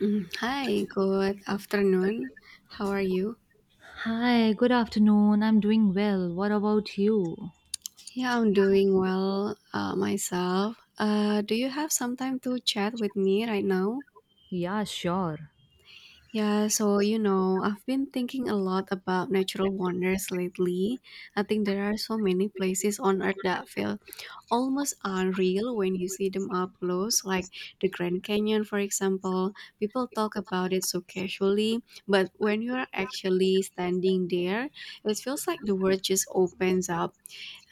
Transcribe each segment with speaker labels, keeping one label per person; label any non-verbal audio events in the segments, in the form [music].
Speaker 1: Hi, good afternoon. How are you?
Speaker 2: Hi, good afternoon. I'm doing well. What about you?
Speaker 1: Yeah, I'm doing well myself. Do you have some time to chat with me right now?
Speaker 2: Yeah, sure.
Speaker 1: Yeah, so I've been thinking a lot about natural wonders lately. I think there are so many places on earth that feel almost unreal when you see them up close, like the Grand Canyon, for example. People talk about it so casually, but when you are actually standing there, it feels like the world just opens up.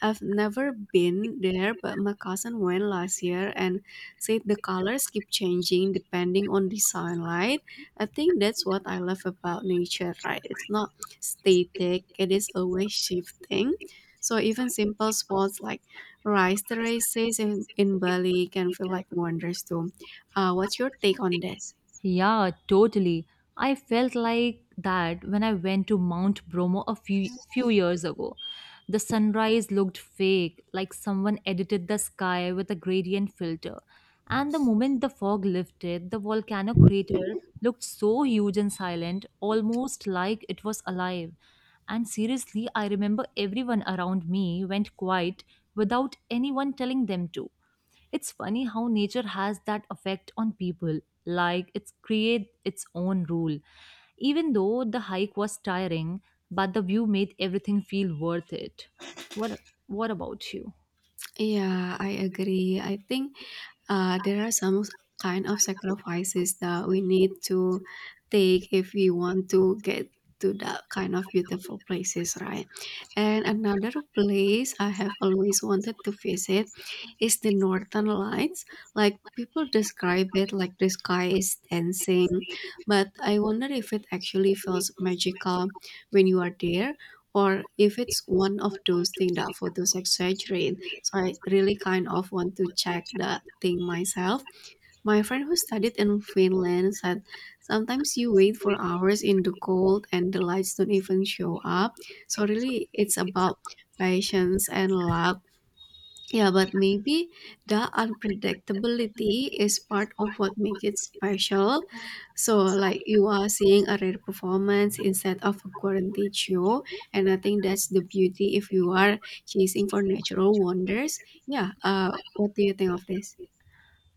Speaker 1: I've never been there, but my cousin went last year and said the colors keep changing depending on the sunlight. I think that's what I love about nature, right? It's not static, it is always shifting. So even simple spots like rice terraces in Bali can feel like wonders too. What's your take on this?
Speaker 2: Yeah, totally. I felt like that when I went to Mount Bromo a few years ago. The sunrise looked fake, like someone edited the sky with a gradient filter. And the moment the fog lifted, the volcano crater looked so huge and silent, almost like it was alive. And seriously, I remember everyone around me went quiet without anyone telling them to. It's funny how nature has that effect on people, like it's create its own rule. Even though the hike was tiring, but the view made everything feel worth it. What what about you?
Speaker 1: Yeah, I agree. I think there are some kind of sacrifices that we need to take if we want to get to that kind of beautiful places, right? And another place I have always wanted to visit is the Northern Lights. Like, people describe it like the sky is dancing, but I wonder if it actually feels magical when you are there, or if it's one of those things that photos exaggerate. So I really kind of want to check that thing myself. My friend who studied in Finland said sometimes you wait for hours in the cold and the lights don't even show up. So really it's about patience and luck, yeah, but maybe the unpredictability is part of what makes it special. So, like, you are seeing a rare performance instead of a guaranteed show, and I think that's the beauty if you are chasing for natural wonders. Yeah, what do you think of this?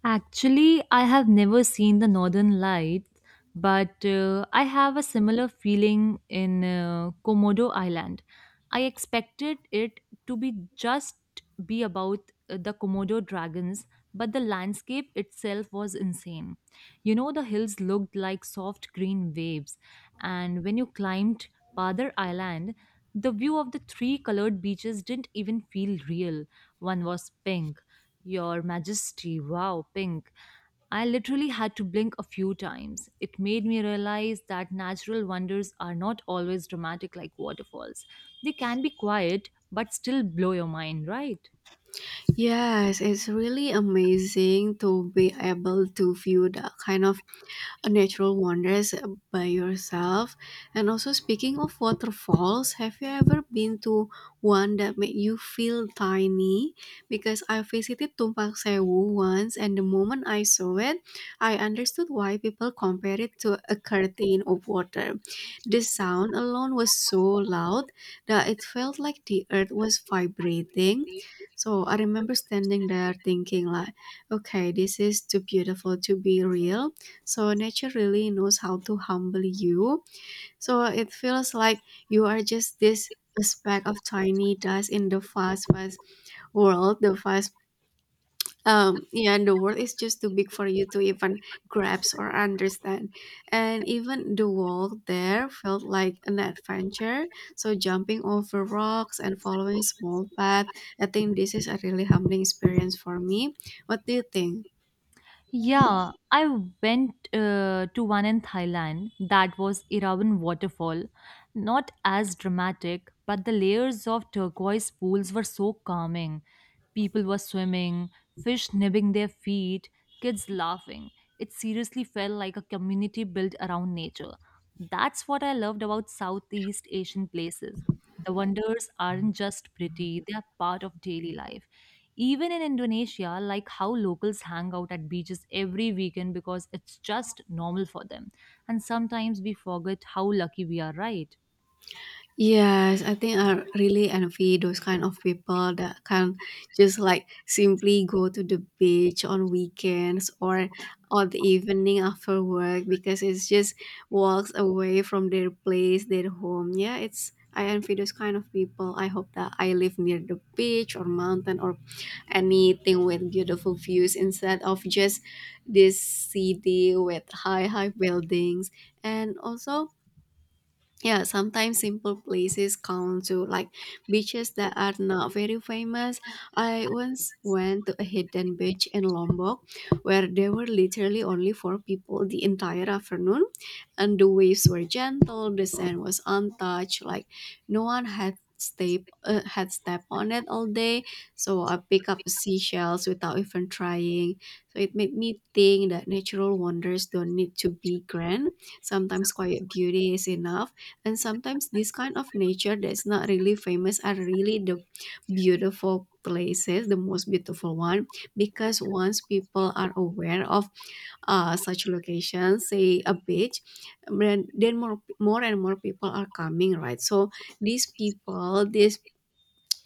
Speaker 2: Actually, I have never seen the Northern Lights, but I have a similar feeling in Komodo Island. I expected it to be just be about the Komodo dragons, but the landscape itself was insane. You know, the hills looked like soft green waves, and when you climbed Padar Island, the view of the three colored beaches didn't even feel real. One was pink. Your Majesty, wow, pink. I literally had to blink a few times. It made me realize that natural wonders are not always dramatic like waterfalls. They can be quiet, but still blow your mind, right?
Speaker 1: Yes, it's really amazing to be able to view the kind of natural wonders by yourself. And also, speaking of waterfalls, have you ever been to one that made you feel tiny? Because I visited Tumpak Sewu once, and the moment I saw it, I understood why people compare it to a curtain of water. The sound alone was so loud that it felt like the earth was vibrating. So I remember standing there thinking like, okay, this is too beautiful to be real. So nature really knows how to humble you. So it feels like you are just this speck of tiny dust in the fast, fast world. And the world is just too big for you to even grasp or understand. And even the walk there felt like an adventure. So jumping over rocks and following small path, I think this is a really humbling experience for me. What do you think?
Speaker 2: Yeah, I went to one in Thailand that was Irawan waterfall. Not as dramatic, but the layers of turquoise pools were so calming. People were swimming, fish nibbing their feet, kids laughing. It seriously felt like a community built around nature. That's what I loved about Southeast Asian places. The wonders aren't just pretty, they are part of daily life. Even in Indonesia, like how locals hang out at beaches every weekend because it's just normal for them. And sometimes we forget how lucky we are, right?
Speaker 1: Yes, I think I really envy those kind of people that can just like simply go to the beach on weekends or on the evening after work, because it's just walks away from their place, their home. Yeah, it's I envy those kind of people. I hope that I live near the beach or mountain or anything with beautiful views instead of just this city with high buildings. And also, yeah, sometimes simple places count to, like, beaches that are not very famous. I once went to a hidden beach in Lombok where there were literally only four people the entire afternoon, and the waves were gentle, the sand was untouched, like no one had stepped on it all day. So I picked up seashells without even trying. So it made me think that natural wonders don't need to be grand. Sometimes quiet beauty is enough, and sometimes this kind of nature that's not really famous are really the beautiful places, the most beautiful one. Because once people are aware of such locations, say a beach, then more and more people are coming, right? So these people these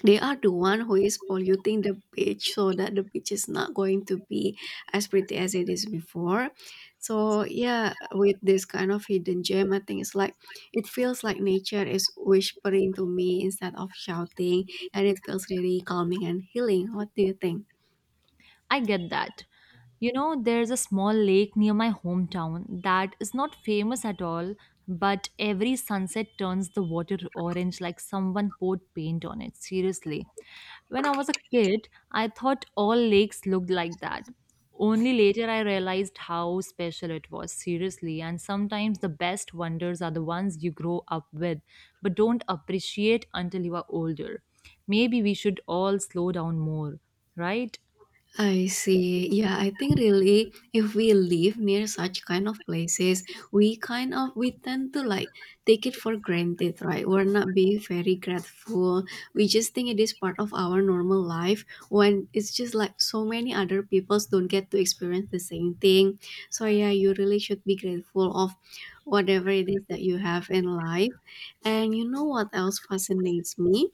Speaker 1: they are the one who is polluting the beach, so that the beach is not going to be as pretty as it is before. So yeah, with this kind of hidden gem, I think it's like it feels like nature is whispering to me instead of shouting, and it feels really calming and healing. What do you think?
Speaker 2: I get that. You know, there's a small lake near my hometown that is not famous at all, but every sunset turns the water orange like someone poured paint on it. Seriously. When I was a kid, I thought all lakes looked like that. Only later I realized how special it was, seriously. And sometimes the best wonders are the ones you grow up with, but don't appreciate until you are older. Maybe we should all slow down more, right?
Speaker 1: I see. Yeah, I think really, if we live near such kind of places, we kind of we tend to like take it for granted, right? We're not being very grateful. We just think it is part of our normal life, when it's just like so many other people don't get to experience the same thing. So yeah, you really should be grateful of whatever it is that you have in life. And you know what else fascinates me?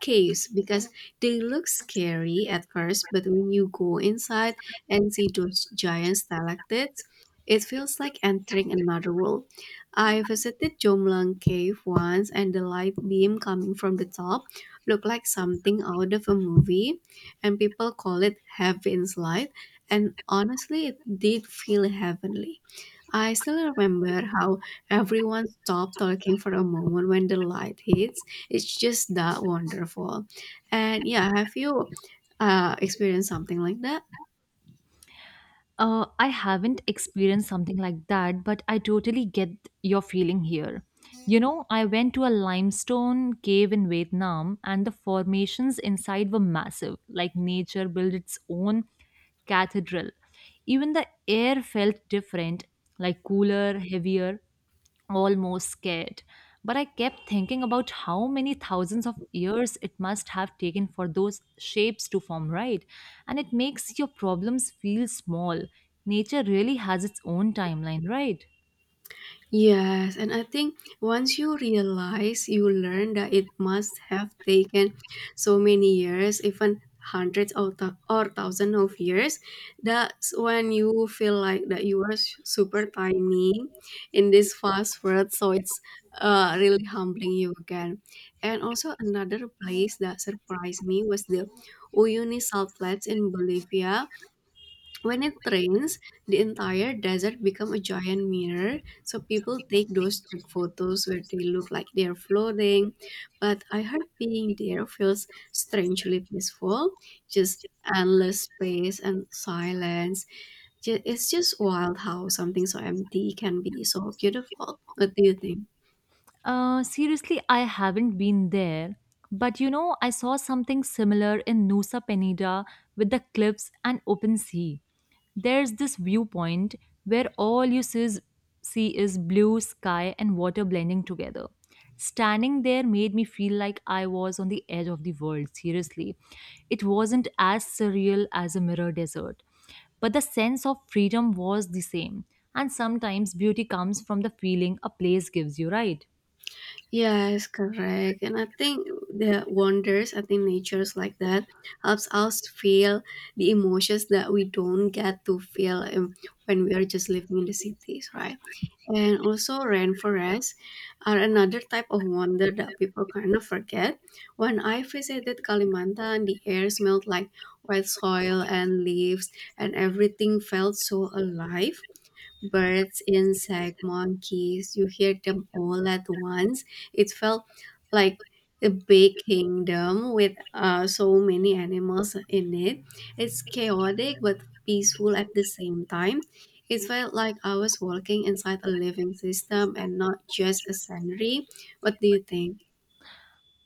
Speaker 1: Caves, because they look scary at first, but when you go inside and see those giant stalactites, it feels like entering another world. I visited Jomlang Cave once, and the light beam coming from the top looked like something out of a movie, and people call it Heaven's Light, and honestly, it did feel heavenly. I still remember how everyone stopped talking for a moment when the light hits. It's just that wonderful. And yeah, have you experienced something like that?
Speaker 2: I haven't experienced something like that, but I totally get your feeling here. You know, I went to a limestone cave in Vietnam, and the formations inside were massive, like nature built its own cathedral. Even the air felt different, like cooler, heavier almost scared. But I kept thinking about how many thousands of years it must have taken for those shapes to form, right? And it makes your problems feel small. Nature really has its own timeline, right?
Speaker 1: Yes, and I think once you realize, you learn that it must have taken so many years, even hundreds or, or thousands of years. That's when you feel like that you are super tiny in this fast world. So it's really humbling you again. And also, another place that surprised me was the Uyuni Salt Flats in Bolivia. When it rains, the entire desert become a giant mirror, so people take those trick photos where they look like they're floating. But I heard being there feels strangely peaceful, just endless space and silence. It's just wild how something so empty can be so beautiful. What do you think?
Speaker 2: Seriously, I haven't been there. But you know, I saw something similar in Nusa Penida with the cliffs and open sea. There's this viewpoint where all see is blue sky and water blending together. Standing there made me feel like I was on the edge of the world, seriously. It wasn't as surreal as a mirror desert, but the sense of freedom was the same. And sometimes beauty comes from the feeling a place gives you, right?
Speaker 1: Yes, correct. And I think the wonders, I think natures like that helps us feel the emotions that we don't get to feel when we are just living in the cities, right? And also, rainforests are another type of wonder that people kind of forget. When I visited Kalimantan, the air smelled like wet soil and leaves, and everything felt so alive. Birds, insect, monkeys. You hear them all at once. It felt like a big kingdom with so many animals in it. It's chaotic but peaceful at the same time. It felt like I was walking inside a living system and not just a scenery. What do you think?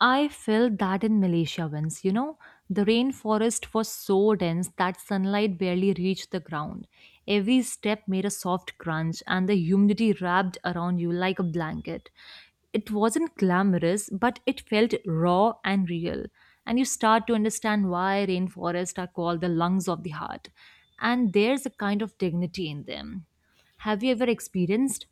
Speaker 2: I felt that in Malaysia once, you know, the rainforest was so dense that sunlight barely reached the ground. Every step made a soft crunch, and the humidity wrapped around you like a blanket. It wasn't glamorous, but it felt raw and real. And you start to understand why rainforests are called the lungs of the heart. And there's a kind of dignity in them. Have you ever experienced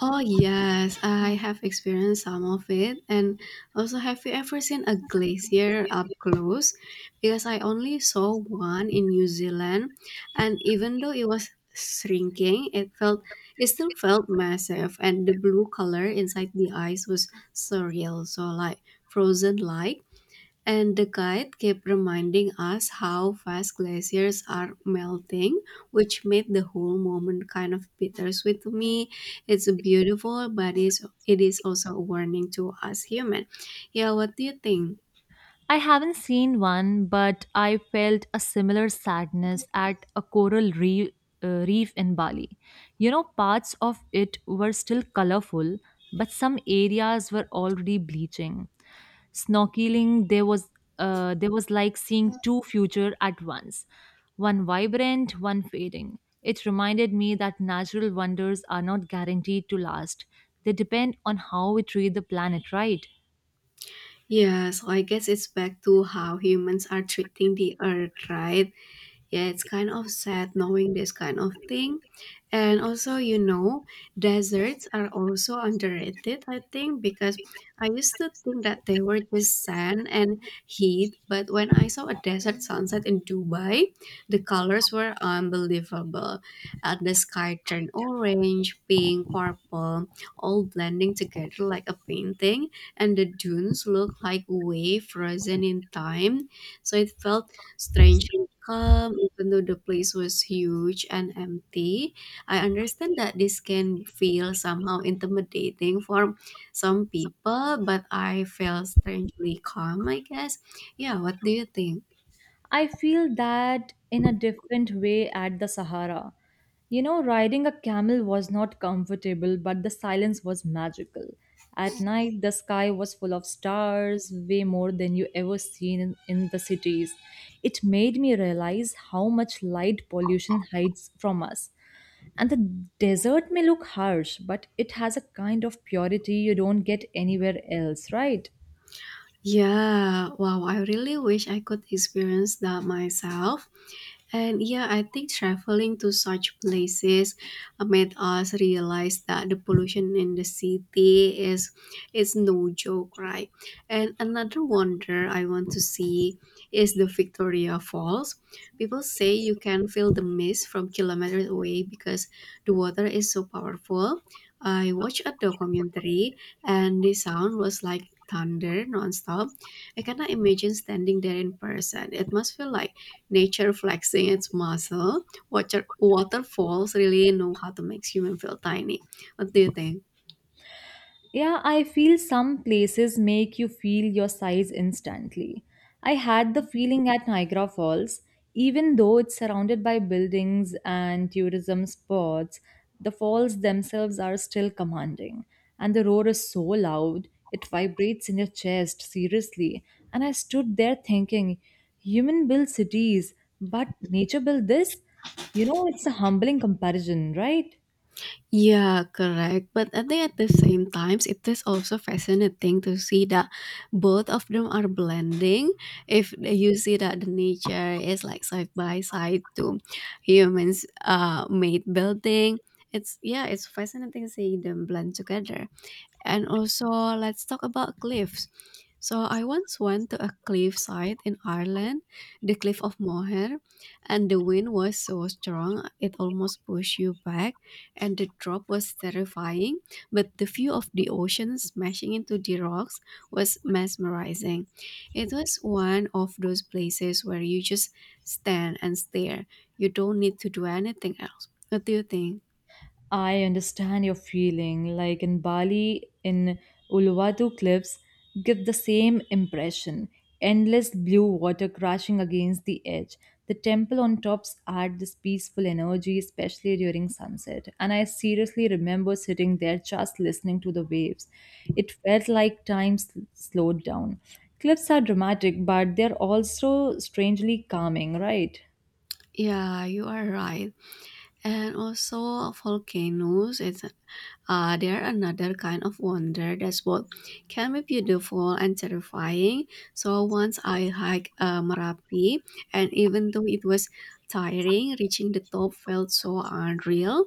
Speaker 1: Oh yes, I have experienced some of it. And also, have you ever seen a glacier up close? Because I only saw one in New Zealand, and even though it was shrinking, it still felt massive, and the blue color inside the ice was surreal. So, like, frozen like. And the guide kept reminding us how fast glaciers are melting, which made the whole moment kind of bittersweet to me. It's beautiful, but it is also a warning to us human. Yeah, what do you think?
Speaker 2: I haven't seen one, but I felt a similar sadness at a coral reef, reef in Bali. You know, parts of it were still colorful, but some areas were already bleaching. Snorkeling, there was like seeing two future at once, one vibrant, one fading. It reminded me that natural wonders are not guaranteed to last. They depend on how we treat the planet, right?
Speaker 1: Yes, I guess it's back to how humans are treating the earth, right? Yeah, it's kind of sad knowing this kind of thing. And also, deserts are also underrated, I think. Because I used to think that they were just sand and heat, but when I saw a desert sunset in Dubai, the colors were unbelievable. The sky turned orange, pink, purple, all blending together like a painting, and the dunes looked like way frozen in time. So it felt strangely calm, even though the place was huge and empty. I understand that this can feel somehow intimidating for some people, but I felt strangely calm, I guess. Yeah, what do you think?
Speaker 2: I feel that in a different way at the Sahara. You know, riding a camel was not comfortable, but the silence was magical. At night, the sky was full of stars, way more than you ever seen in the cities. It made me realize how much light pollution hides from us. And the desert may look harsh, but it has a kind of purity you don't get anywhere else, right?
Speaker 1: Yeah, wow, I really wish I could experience that myself. And yeah, I think traveling to such places made us realize that the pollution in the city is no joke, right? And another wonder I want to see is the Victoria Falls. People say you can feel the mist from kilometers away because the water is so powerful. I watched a documentary, and the sound was like thunder nonstop. I cannot imagine standing there in person. It must feel like nature flexing its muscle. Waterfalls really know how to make human feel tiny. What do you think?
Speaker 2: Yeah, I feel some places make you feel your size instantly. I had the feeling at Niagara Falls, even though it's surrounded by buildings and tourism spots, the falls themselves are still commanding. And the roar is so loud, it vibrates in your chest, seriously. And I stood there thinking, human build cities, but nature built this? You know, it's a humbling comparison, right?
Speaker 1: Yeah, correct. But I think at the same times, it is also fascinating to see that both of them are blending. If you see that the nature is like side by side to humans' made building, it's fascinating seeing them blend together. And also, let's talk about cliffs. So, I once went to a cliffside in Ireland, the Cliff of Moher, and the wind was so strong it almost pushed you back, and the drop was terrifying. But the view of the ocean smashing into the rocks was mesmerizing. It was one of those places where you just stand and stare, you don't need to do anything else. What do you think?
Speaker 2: I understand your feeling. Like in Bali, in Uluwatu cliffs, give the same impression. Endless blue water crashing against the edge. The temple on tops add this peaceful energy, especially during sunset. And I seriously remember sitting there just listening to the waves. It felt like slowed down. Cliffs are dramatic, but they're also strangely calming, right?
Speaker 1: Yeah, you are right. And also volcanoes, it's they're another kind of wonder that's both can be beautiful and terrifying. So once I hiked Merapi, and even though it was tiring, reaching the top felt so unreal.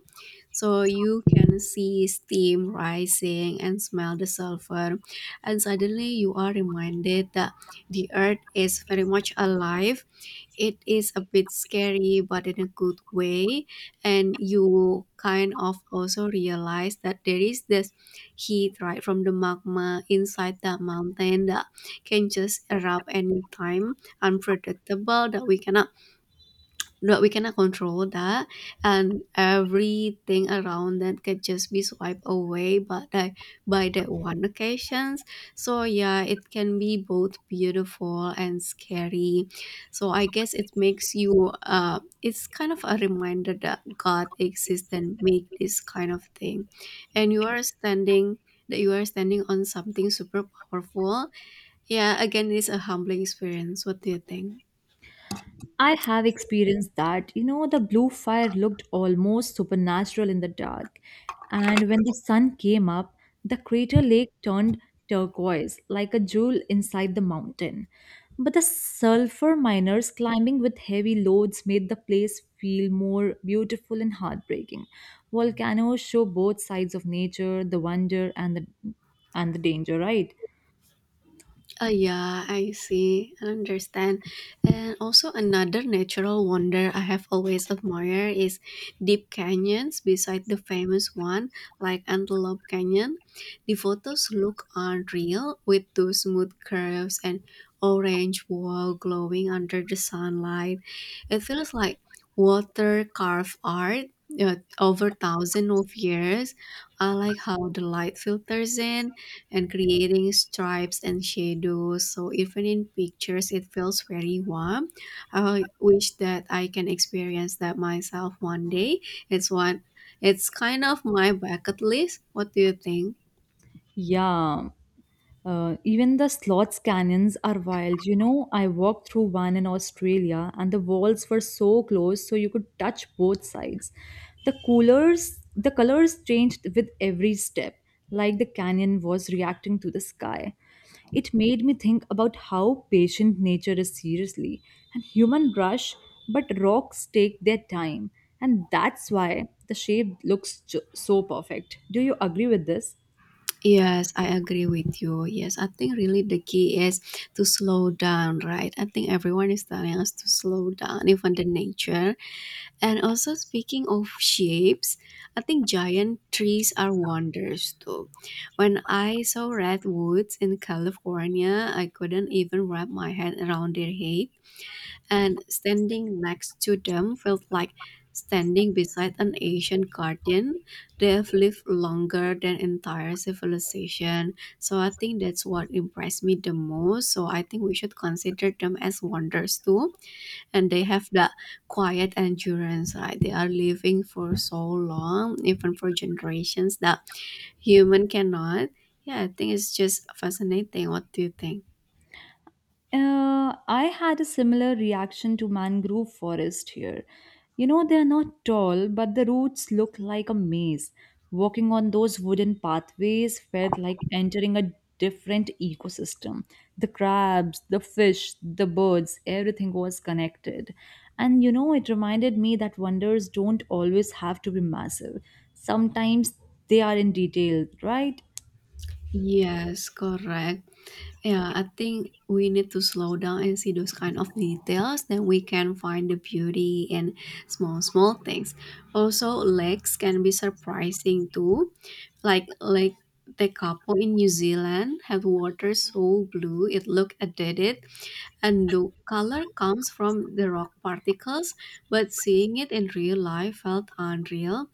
Speaker 1: So you can see steam rising and smell the sulfur, and suddenly you are reminded that the earth is very much alive. It is a bit scary but in a good way, and you kind of also realize that there is this heat right from the magma inside the mountain that can just erupt anytime, unpredictable that we cannot control that, and everything around that could just be swiped away. But by that one occasions. So yeah, it can be both beautiful and scary. So I guess it makes you. It's kind of a reminder that God exists and make this kind of thing, and you are standing. That you are standing on something super powerful. Yeah, again, it's a humbling experience. What do you think?
Speaker 2: I have experienced that. You know, the blue fire looked almost supernatural in the dark. And when the sun came up, the crater lake turned turquoise, like a jewel inside the mountain. But the sulfur miners climbing with heavy loads made the place feel more beautiful and heartbreaking. Volcanoes show both sides of nature, the wonder and the danger, right?
Speaker 1: Ah, yeah, I see. I understand. And also another natural wonder I have always admired is deep canyons beside the famous one like Antelope Canyon. The photos look unreal with those smooth curves and orange wall glowing under the sunlight. It feels like water carved art over thousands of years. I like how the light filters in and creating stripes and shadows. So even in pictures, it feels very warm. I wish that I can experience that myself one day. It's one. It's kind of my bucket list. What do you think?
Speaker 2: Yeah. Even the slots canyons are wild. You know, I walked through one in Australia and the walls were so close so you could touch both sides. The colors changed with every step, like the canyon was reacting to the sky. It made me think about how patient nature is seriously, and human rush, but rocks take their time, and that's why the shape looks so perfect. Do you agree with this?
Speaker 1: Yes, I agree with you. Yes, I think really the key is to slow down, right? I think everyone is telling us to slow down, even the nature. And also speaking of shapes, I think giant trees are wonders too. When I saw redwoods in California, I couldn't even wrap my head around their height, and standing next to them felt like standing beside an ancient garden. They have lived longer than entire civilization. So I think that's what impressed me the most. So I think we should consider them as wonders too, and they have the quiet endurance, right? They are living for so long, even for generations that human cannot. Yeah, I think it's just fascinating. What do you think?
Speaker 2: I had a similar reaction to mangrove forest here. You know, they are not tall, but the roots look like a maze. Walking on those wooden pathways felt like entering a different ecosystem. The crabs, the fish, the birds, everything was connected. And you know, it reminded me that wonders don't always have to be massive. Sometimes they are in detail, right?
Speaker 1: Yes, correct. Yeah, I think we need to slow down and see those kind of details. Then we can find the beauty in small, small things. Also, lakes can be surprising too. Like Lake Tekapo in New Zealand had water so blue it looked addicted. And the color comes from the rock particles, but seeing it in real life felt unreal.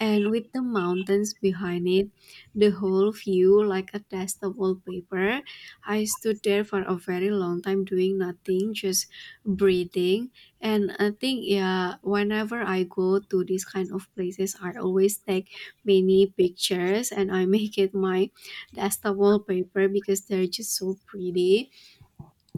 Speaker 1: And with the mountains behind it, the whole view like a testable paper. I stood there for a very long time doing nothing, just breathing. And I think, yeah, whenever I go to these kind of places, I always take many pictures and I [laughs] make it my testable paper because they're just so pretty,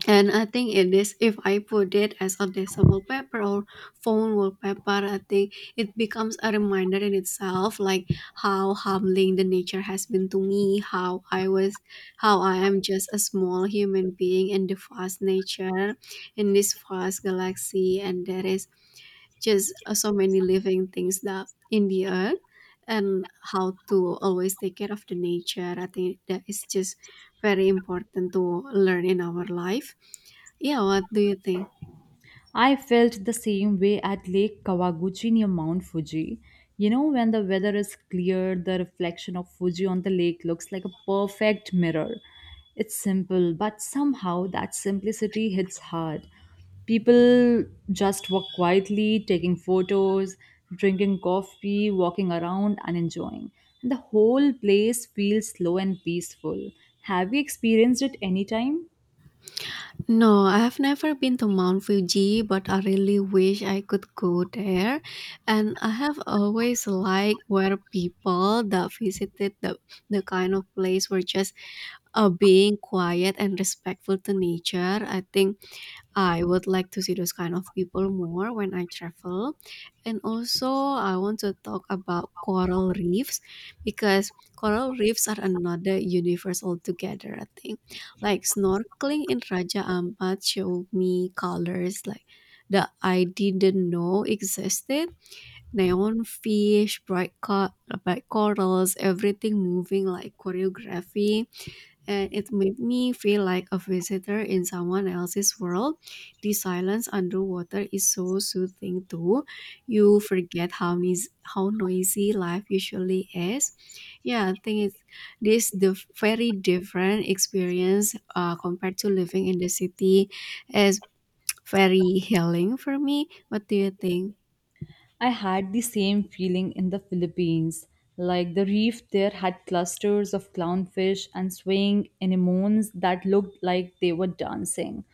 Speaker 1: and I think it is, if I put it as a desktop wallpaper or phone wallpaper, I think it becomes a reminder in itself, like how humbling the nature has been to me, how I was, how I am just a small human being in the vast nature, in this vast galaxy, and there is just so many living things that in the earth, and how to always take care of the nature. I think that is just very important to learn in our life. Yeah, what do you think?
Speaker 2: I felt the same way at Lake Kawaguchi near Mount Fuji. You know, when the weather is clear, the reflection of Fuji on the lake looks like a perfect mirror. It's simple, but somehow that simplicity hits hard. People just walk quietly, taking photos, drinking coffee, walking around, and enjoying. And the whole place feels slow and peaceful. Have you experienced it anytime?
Speaker 1: No, I have never been to Mount Fuji, but I really wish I could go there. And I have always liked where people that visited the kind of place were just being quiet and respectful to nature. I think I would like to see those kind of people more when I travel. And also, I want to talk about coral reefs because coral reefs are another universe altogether, I think. Like snorkeling in Raja Ampat showed me colors like that I didn't know existed. Neon fish, bright, bright corals, everything moving like choreography, and it made me feel like a visitor in someone else's world. The silence underwater is so soothing too. You forget how noisy life usually is. Yeah, I think it's this the very different experience compared to living in the city is very healing for me. What do you think?
Speaker 2: I had the same feeling in the Philippines. Like the reef there had clusters of clownfish and swaying anemones that looked like they were dancing.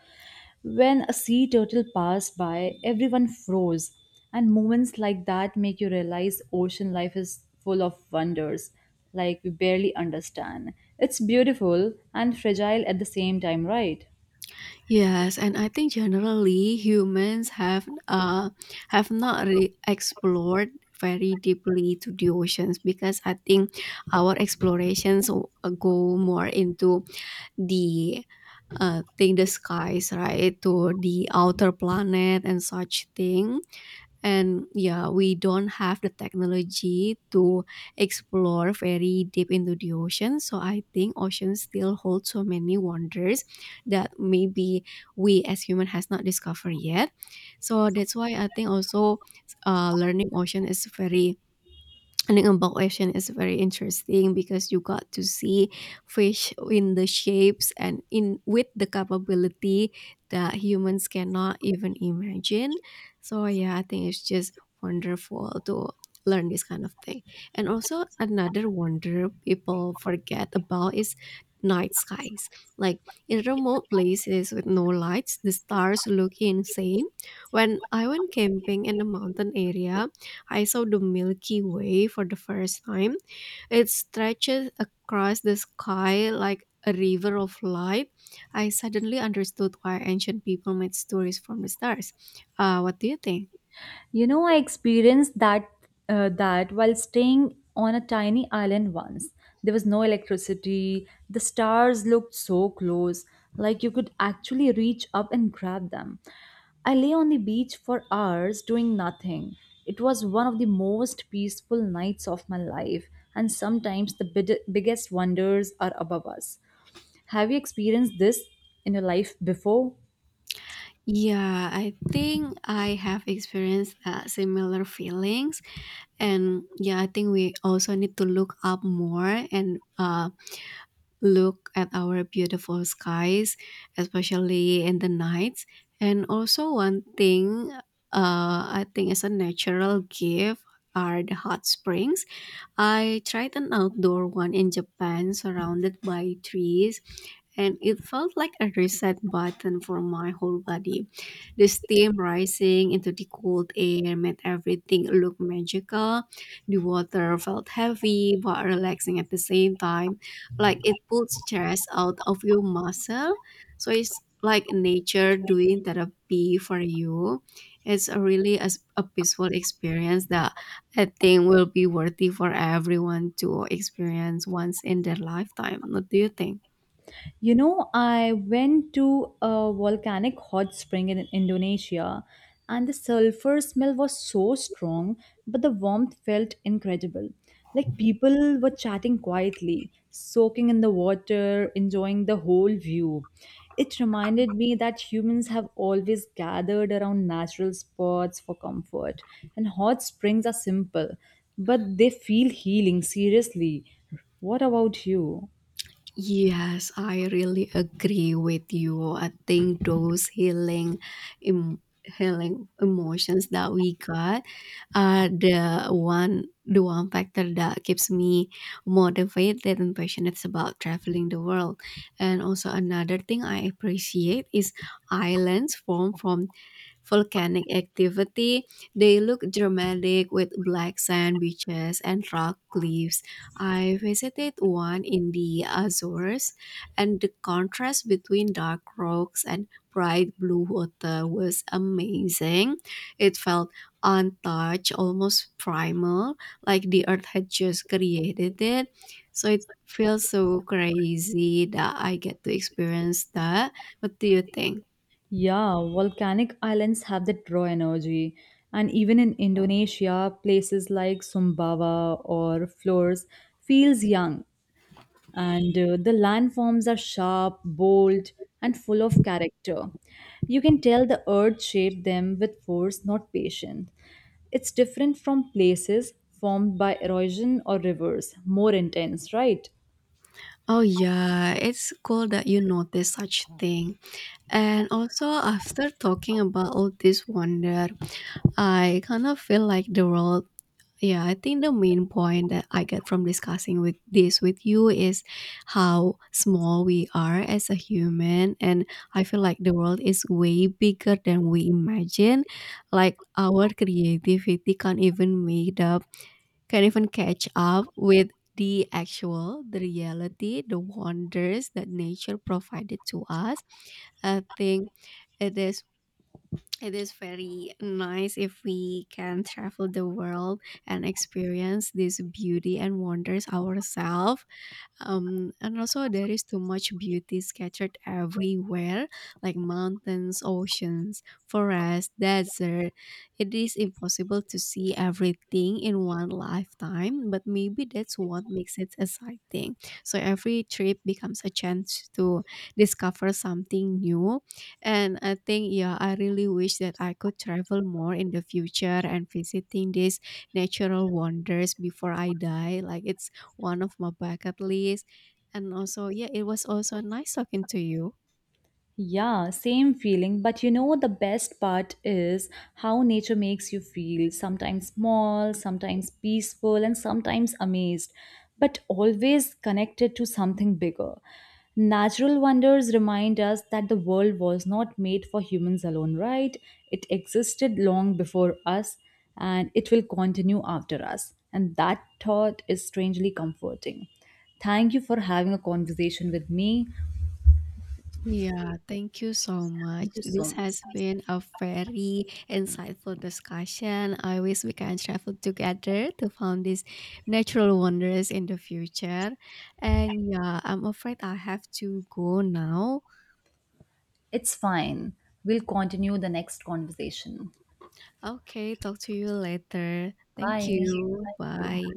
Speaker 2: When a sea turtle passed by, everyone froze. And moments like that make you realize ocean life is full of wonders, like we barely understand. It's beautiful and fragile at the same time, right?
Speaker 1: Yes, and I think generally humans have not really explored very deeply to the oceans, because I think our explorations go more into the thing the skies, right? To the outer planet and such thing. And yeah, we don't have the technology to explore very deep into the ocean, so I think oceans still hold so many wonders that maybe we as human has not discovered yet. So that's why I think also, learning ocean is very Ningbo Asian is very interesting, because you got to see fish in the shapes and in with the capability that humans cannot even imagine. So yeah, I think it's just wonderful to learn this kind of thing. And also another wonder people forget about is night skies. Like in remote places with no lights, the stars look insane. When I went camping in a mountain area, I saw the Milky Way for the first time. It stretches across the sky like a river of light. I suddenly understood why ancient people made stories from the stars. What do you think?
Speaker 2: You know, I experienced that while staying on a tiny island once. There was no electricity. The stars looked so close, like you could actually reach up and grab them. I lay on the beach for hours doing nothing. It was one of the most peaceful nights of my life, and sometimes the biggest wonders are above us. Have you experienced this in your life before?
Speaker 1: Yeah, I think I have experienced similar feelings, and yeah, I think we also need to look up more and look at our beautiful skies, especially in the nights. And also, one thing I think is a natural gift are the hot springs. I tried an outdoor one in Japan surrounded by trees, and it felt like a reset button for my whole body. The steam rising into the cold air made everything look magical. The water felt heavy but relaxing at the same time, like it pulled stress out of your muscle. So it's like nature doing therapy for you. It's a really a peaceful experience that I think will be worthy for everyone to experience once in their lifetime. What do you think?
Speaker 2: You know, I went to a volcanic hot spring in Indonesia, and the sulfur smell was so strong, but the warmth felt incredible. Like people were chatting quietly, soaking in the water, enjoying the whole view. It reminded me that humans have always gathered around natural spots for comfort, and hot springs are simple, but they feel healing, seriously. What about you?
Speaker 1: Yes, I really agree with you. I think those healing, healing emotions that we got are the one factor that keeps me motivated and passionate about traveling the world. And also another thing I appreciate is islands formed from volcanic activity. They look dramatic with black sand beaches and rock cliffs. I visited one in the Azores, and the contrast between dark rocks and bright blue water was amazing. It felt untouched, almost primal, like the earth had just created it. So it feels so crazy that I get to experience that. What do you think?
Speaker 2: Yeah, volcanic islands have that raw energy. And even in Indonesia, places like Sumbawa or Flores feels young. And the landforms are sharp, bold, and full of character. You can tell the earth shaped them with force, not patience. It's different from places formed by erosion or rivers, more intense, right?
Speaker 1: Oh yeah, it's cool that you notice such thing. And also after talking about all this wonder, I kind of feel like the world, yeah, I think the main point that I get from discussing with this with you is how small we are as a human, and I feel like the world is way bigger than we imagine. Like our creativity can't even make up can even catch up with the actual, the reality, the wonders that nature provided to us. I think it is it is very nice if we can travel the world and experience this beauty and wonders ourselves. And also, there is too much beauty scattered everywhere, like mountains, oceans, forests, desert. It is impossible to see everything in one lifetime, but maybe that's what makes it exciting. So every trip becomes a chance to discover something new. And I think, yeah, I really wish that I could travel more in the future and visiting these natural wonders before I die. Like it's one of my bucket list. And also, yeah, it was also nice talking to you.
Speaker 2: Yeah, same feeling. But you know, the best part is how nature makes you feel sometimes small, sometimes peaceful, and sometimes amazed, but always connected to something bigger. Natural wonders remind us that the world was not made for humans alone, right? It existed long before us and it will continue after us. And that thought is strangely comforting. Thank you for having a conversation with me.
Speaker 1: Yeah, thank you so
Speaker 2: Thank
Speaker 1: much.
Speaker 2: you so
Speaker 1: This
Speaker 2: much.
Speaker 1: has been a very insightful discussion. I wish we can travel together to find these natural wonders in the future. And yeah, I'm afraid I have to go now.
Speaker 2: It's fine. We'll continue the next conversation.
Speaker 1: Okay, talk to you later. Thank
Speaker 2: Bye. Thank
Speaker 1: you.
Speaker 2: you.
Speaker 1: Bye.